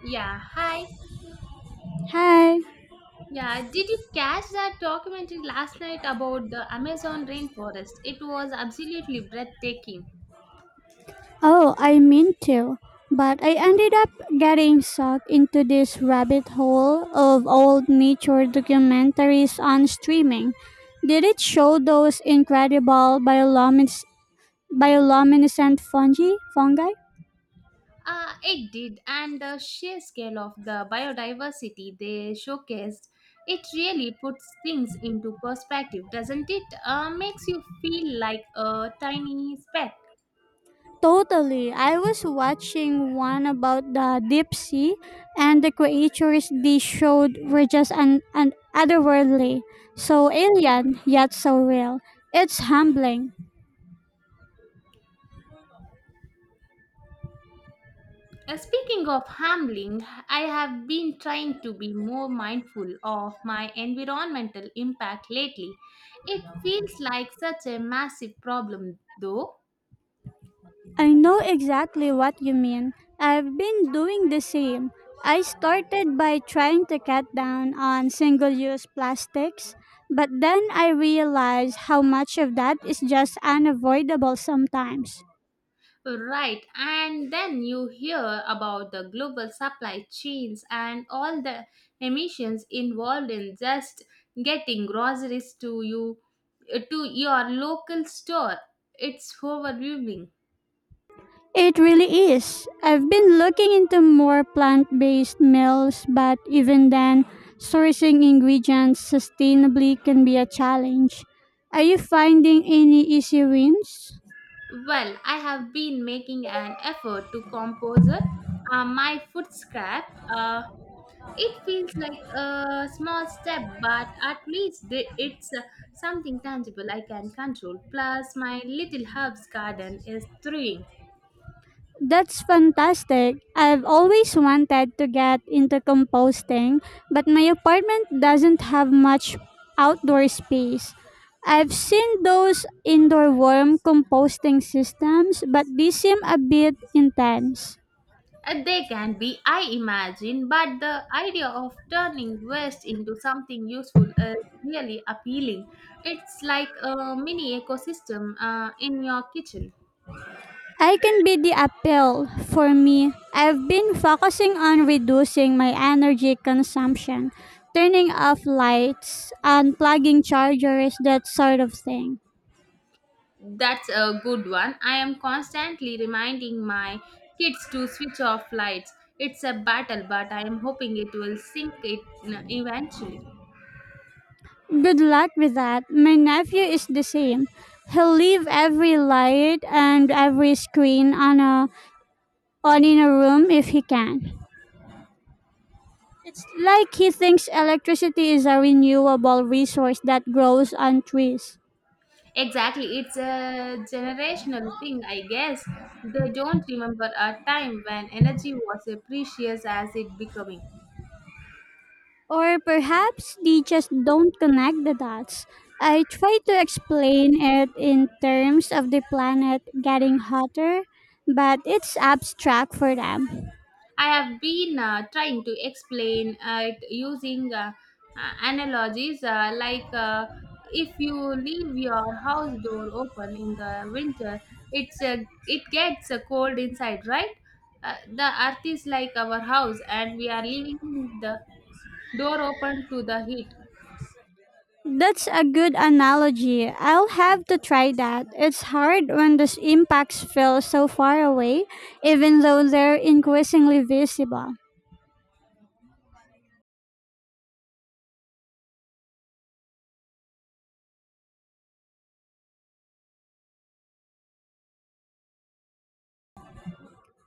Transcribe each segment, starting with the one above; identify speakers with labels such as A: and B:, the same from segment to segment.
A: Yeah, hi.
B: Hi.
A: Yeah, did you catch that documentary last night about the Amazon rainforest? It was absolutely breathtaking.
B: Oh, I meant to, but I ended up getting sucked into this rabbit hole of old nature documentaries on streaming. Did it show those incredible bioluminescent fungi? Fungi?
A: It did, and the sheer scale of the biodiversity they showcased, it really puts things into perspective, doesn't it? Makes you feel like a tiny speck.
B: Totally. I was watching one about the deep sea, and the creatures they showed were just an otherworldly, so alien yet so real. It's humbling.
A: Speaking of handling, I have been trying to be more mindful of my environmental impact lately. It feels like such a massive problem, though.
B: I know exactly what you mean. I've been doing the same. I started by trying to cut down on single use plastics, but then I realized how much of that is just unavoidable sometimes.
A: Right, and then you hear about the global supply chains and all the emissions involved in just getting groceries to your local store. It's overwhelming.
B: It really is. I've been looking into more plant based meals, but even then, sourcing ingredients sustainably can be a challenge. Are you finding any easy wins?
A: Well, I have been making an effort to compose it. My food scrap, uh, it feels like a small step, but at it's something tangible I can control. Plus, my little herbs garden is thriving.
B: That's fantastic. I've always wanted to get into composting, but my apartment doesn't have much outdoor space. I've seen those indoor worm composting systems, but these seem a bit intense.
A: They can be, I imagine, but the idea of turning waste into something useful is really appealing. It's like a mini ecosystem in your kitchen.
B: I can be the appeal for me. I've been focusing on reducing my energy consumption, turning off lights, unplugging chargers, that sort of thing.
A: That's a good one. I am constantly reminding my kids to switch off lights. It's a battle, but I am hoping it will sink eventually.
B: Good luck with that. My nephew is the same. He'll leave every light and every screen on in a room if he can. It's like he thinks electricity is a renewable resource that grows on trees.
A: Exactly, it's a generational thing, I guess. They don't remember a time when energy was as precious as it becoming.
B: Or perhaps they just don't connect the dots. I try to explain it in terms of the planet getting hotter, but it's abstract for them.
A: I have been trying to explain it using analogies like if you leave your house door open in the winter, it's uh, it gets cold inside, right? The earth is like our house, and we are leaving the door open to the heat.
B: That's a good analogy. I'll have to try that. It's hard when those impacts feel so far away, even though they're increasingly visible.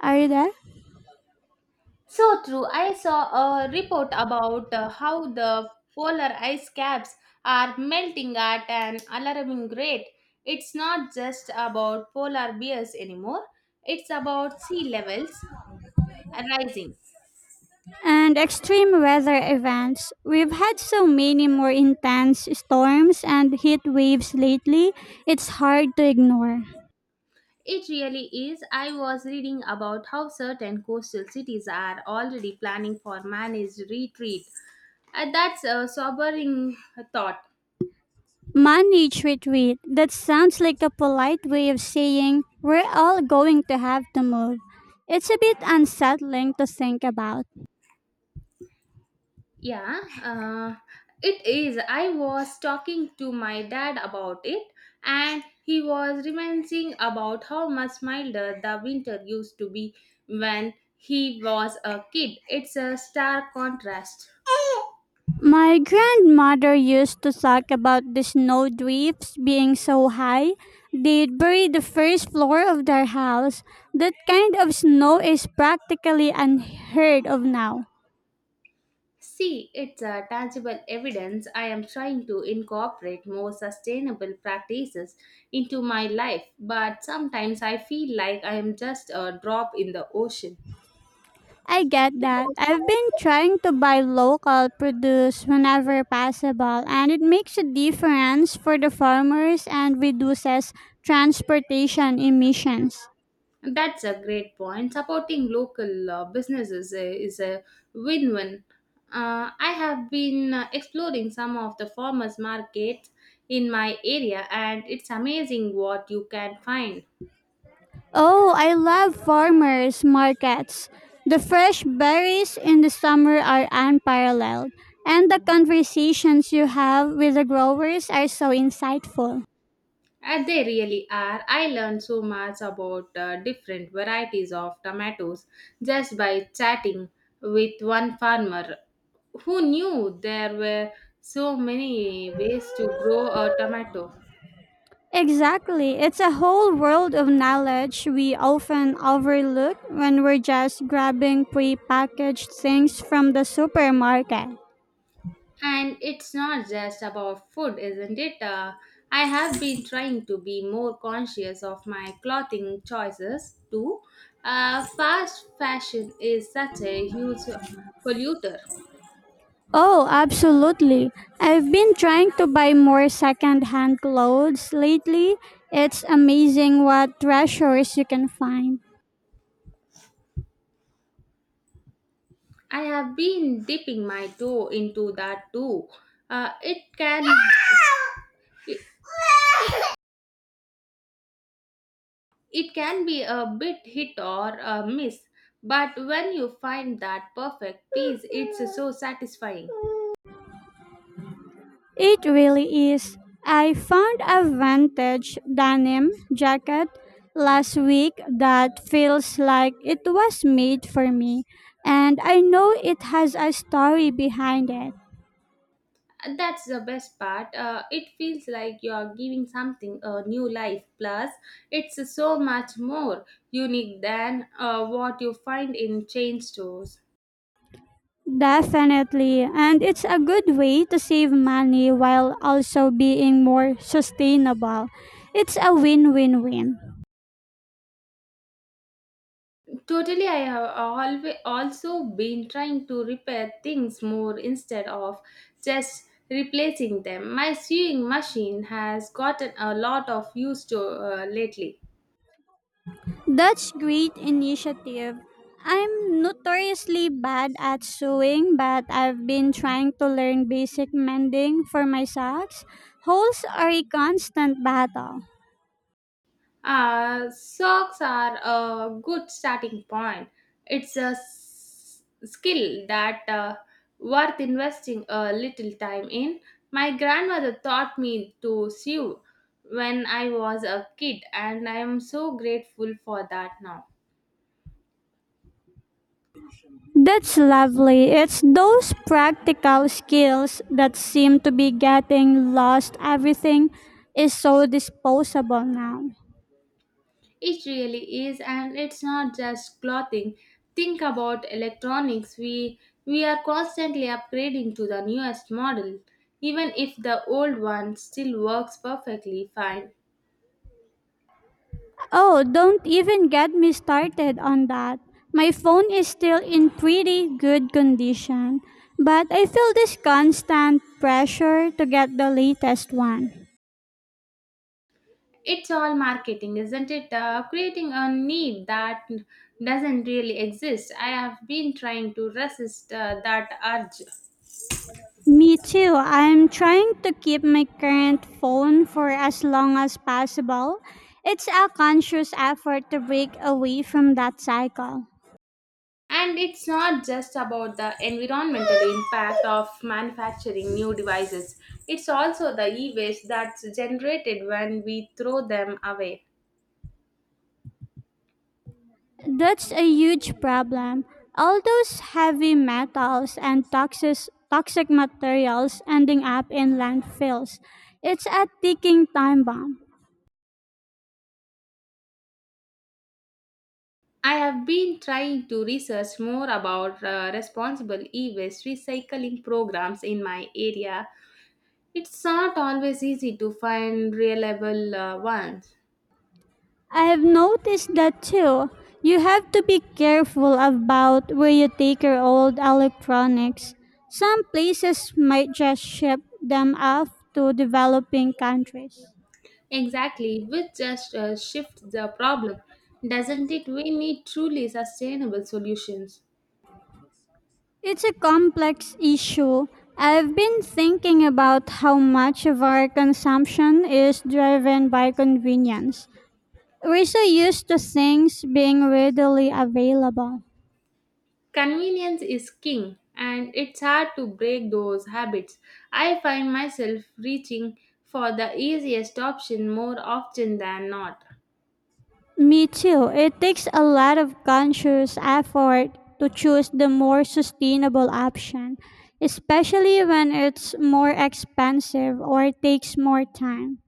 B: Are you there?
A: So true. I saw a report about how the polar ice caps are melting at an alarming rate. It's not just about polar bears anymore, it's about sea levels rising.
B: And extreme weather events. We've had so many more intense storms and heat waves lately, it's hard to ignore.
A: It really is. I was reading about how certain coastal cities are already planning for managed retreat. That's a sobering thought.
B: Manage retreat. That sounds like a polite way of saying we're all going to have to move. It's a bit unsettling to think about.
A: Yeah, it is. I was talking to my dad about it, and he was reminiscing about how much milder the winter used to be when he was a kid. It's a stark contrast.
B: My grandmother used to talk about the snowdrifts being so high they'd bury the first floor of their house. That kind of snow is practically unheard of now.
A: See, it's a tangible evidence I am trying to incorporate more sustainable practices into my life, but sometimes I feel like I am just a drop in the ocean.
B: I get that. I've been trying to buy local produce whenever possible, and it makes a difference for the farmers and reduces transportation emissions.
A: That's a great point. Supporting local businesses is a win win. I have been exploring some of the farmers' markets in my area, and it's amazing what you can find.
B: Oh, I love farmers markets. The fresh berries in the summer are unparalleled, and the conversations you have with the growers are so insightful.
A: They really are. I learned so much about different varieties of tomatoes just by chatting with one farmer who knew there were so many ways to grow a tomato.
B: Exactly. It's a whole world of knowledge we often overlook when we're just grabbing pre-packaged things from the supermarket.
A: And it's not just about food, isn't it? I have been trying to be more conscious of my clothing choices too. Fast fashion is such a huge polluter.
B: Oh, absolutely. I've been trying to buy more second-hand clothes lately. It's amazing what treasures you can find.
A: I have been dipping my toe into that too. Uh, it can it, it can be a bit hit or a miss, but when you find that perfect piece, it's so satisfying.
B: It really is. I found a vintage denim jacket last week that feels like it was made for me, and I know it has a story behind it.
A: And that's the best part. It feels like you're giving something a new life. Plus, it's so much more unique than what you find in chain stores.
B: Definitely. And it's a good way to save money while also being more sustainable. It's a win win win.
A: Totally, I have always also been trying to repair things more instead of just replacing them. My sewing machine has gotten a lot of use to lately.
B: That's great initiative. I'm notoriously bad at sewing, but I've been trying to learn basic mending for my socks. Holes are a constant battle.
A: Socks are a good starting point. It's a skill that worth investing a little time in. My grandmother taught me to sew when I was a kid, and I am so grateful for that now.
B: That's lovely. It's those practical skills that seem to be getting lost. Everything is so disposable now.
A: It really is, and it's not just clothing. Think about electronics. We are constantly upgrading to the newest model, even if the old one still works perfectly fine.
B: Oh, don't even get me started on that. My phone is still in pretty good condition, but I feel this constant pressure to get the latest one.
A: It's all marketing, isn't it? Creating a need that doesn't really exist. I have been trying to resist that urge.
B: Me too. I'm trying to keep my current phone for as long as possible. It's a conscious effort to break away from that cycle.
A: And it's not just about the environmental impact of manufacturing new devices, it's also the e waste that's generated when we throw them away.
B: That's a huge problem. All those heavy metals and toxic materials ending up in landfills. It's a ticking time bomb.
A: I have been trying to research more about responsible e waste recycling programs in my area. It's not always easy to find reliable ones.
B: I have noticed that too. You have to be careful about where you take your old electronics. Some places might just ship them off to developing countries.
A: Exactly, which just shifts the problem, doesn't it? We need truly sustainable solutions.
B: It's a complex issue. I've been thinking about how much of our consumption is driven by convenience. We're so used to things being readily available.
A: Convenience is king, and it's hard to break those habits. I find myself reaching for the easiest option more often than not.
B: Me too. It takes a lot of conscious effort to choose the more sustainable option, especially when it's more expensive or takes more time.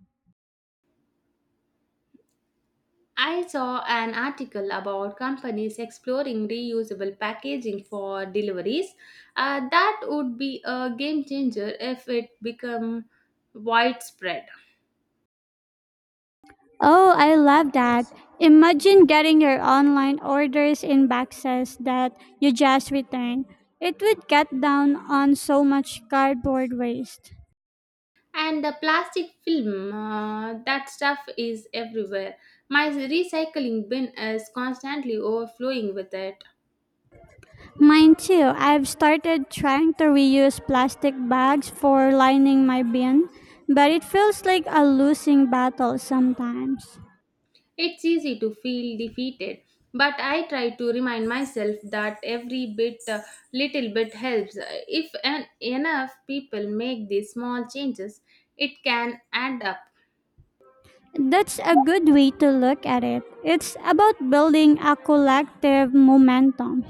A: I saw an article about companies exploring reusable packaging for deliveries. That would be a game changer if it become widespread.
B: Oh, I love that. Imagine getting your online orders in boxes that you just returned. It would cut down on so much cardboard waste.
A: And the plastic film, that stuff is everywhere. My recycling bin is constantly overflowing with it.
B: Mine too. I've started trying to reuse plastic bags for lining my bin, but it feels like a losing battle sometimes.
A: It's easy to feel defeated, but I try to remind myself that every little bit helps. If enough people make these small changes, it can add up.
B: That's a good way to look at it. It's about building a collective momentum.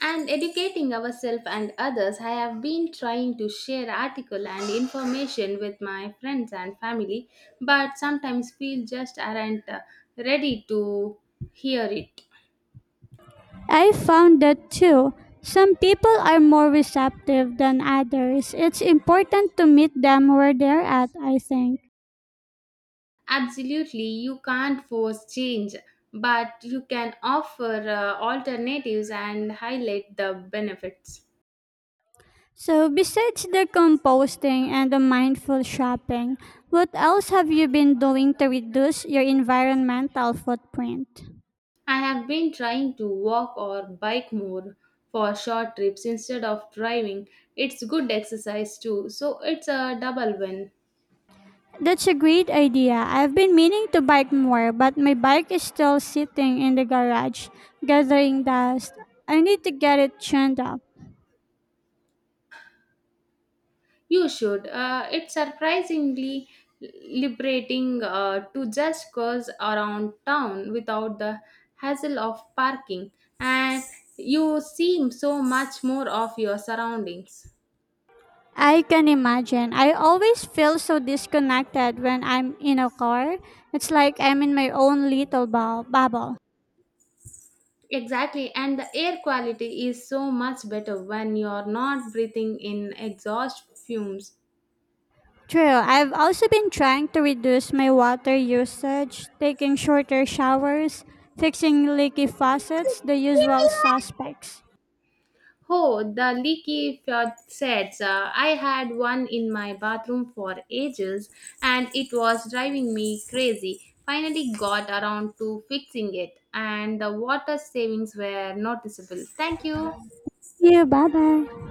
A: And educating ourselves and others, I have been trying to share article and information with my friends and family, but sometimes feel just aren't ready to hear it.
B: I found that too. Some people are more receptive than others. It's important to meet them where they're at, I think.
A: Absolutely, you can't force change, but you can offer alternatives and highlight the benefits.
B: So, besides the composting and the mindful shopping, what else have you been doing to reduce your environmental footprint?
A: I have been trying to walk or bike more for short trips instead of driving. It's good exercise too, so it's a double win.
B: That's a great idea. I've been meaning to bike more, but my bike is still sitting in the garage, gathering dust. I need to get it tuned up.
A: You should. It's surprisingly liberating to just cruise around town without the hassle of parking, and you seem so much more of your surroundings.
B: I can imagine. I always feel so disconnected when I'm in a car. It's like I'm in my own little bubble.
A: Exactly, and the air quality is so much better when you're not breathing in exhaust fumes.
B: True, I've also been trying to reduce my water usage, taking shorter showers, fixing leaky faucets, the usual suspects.
A: Oh, the leaky flood sets. I had one in my bathroom for ages and it was driving me crazy. Finally got around to fixing it and the water savings were noticeable. Thank you.
B: You, bye bye.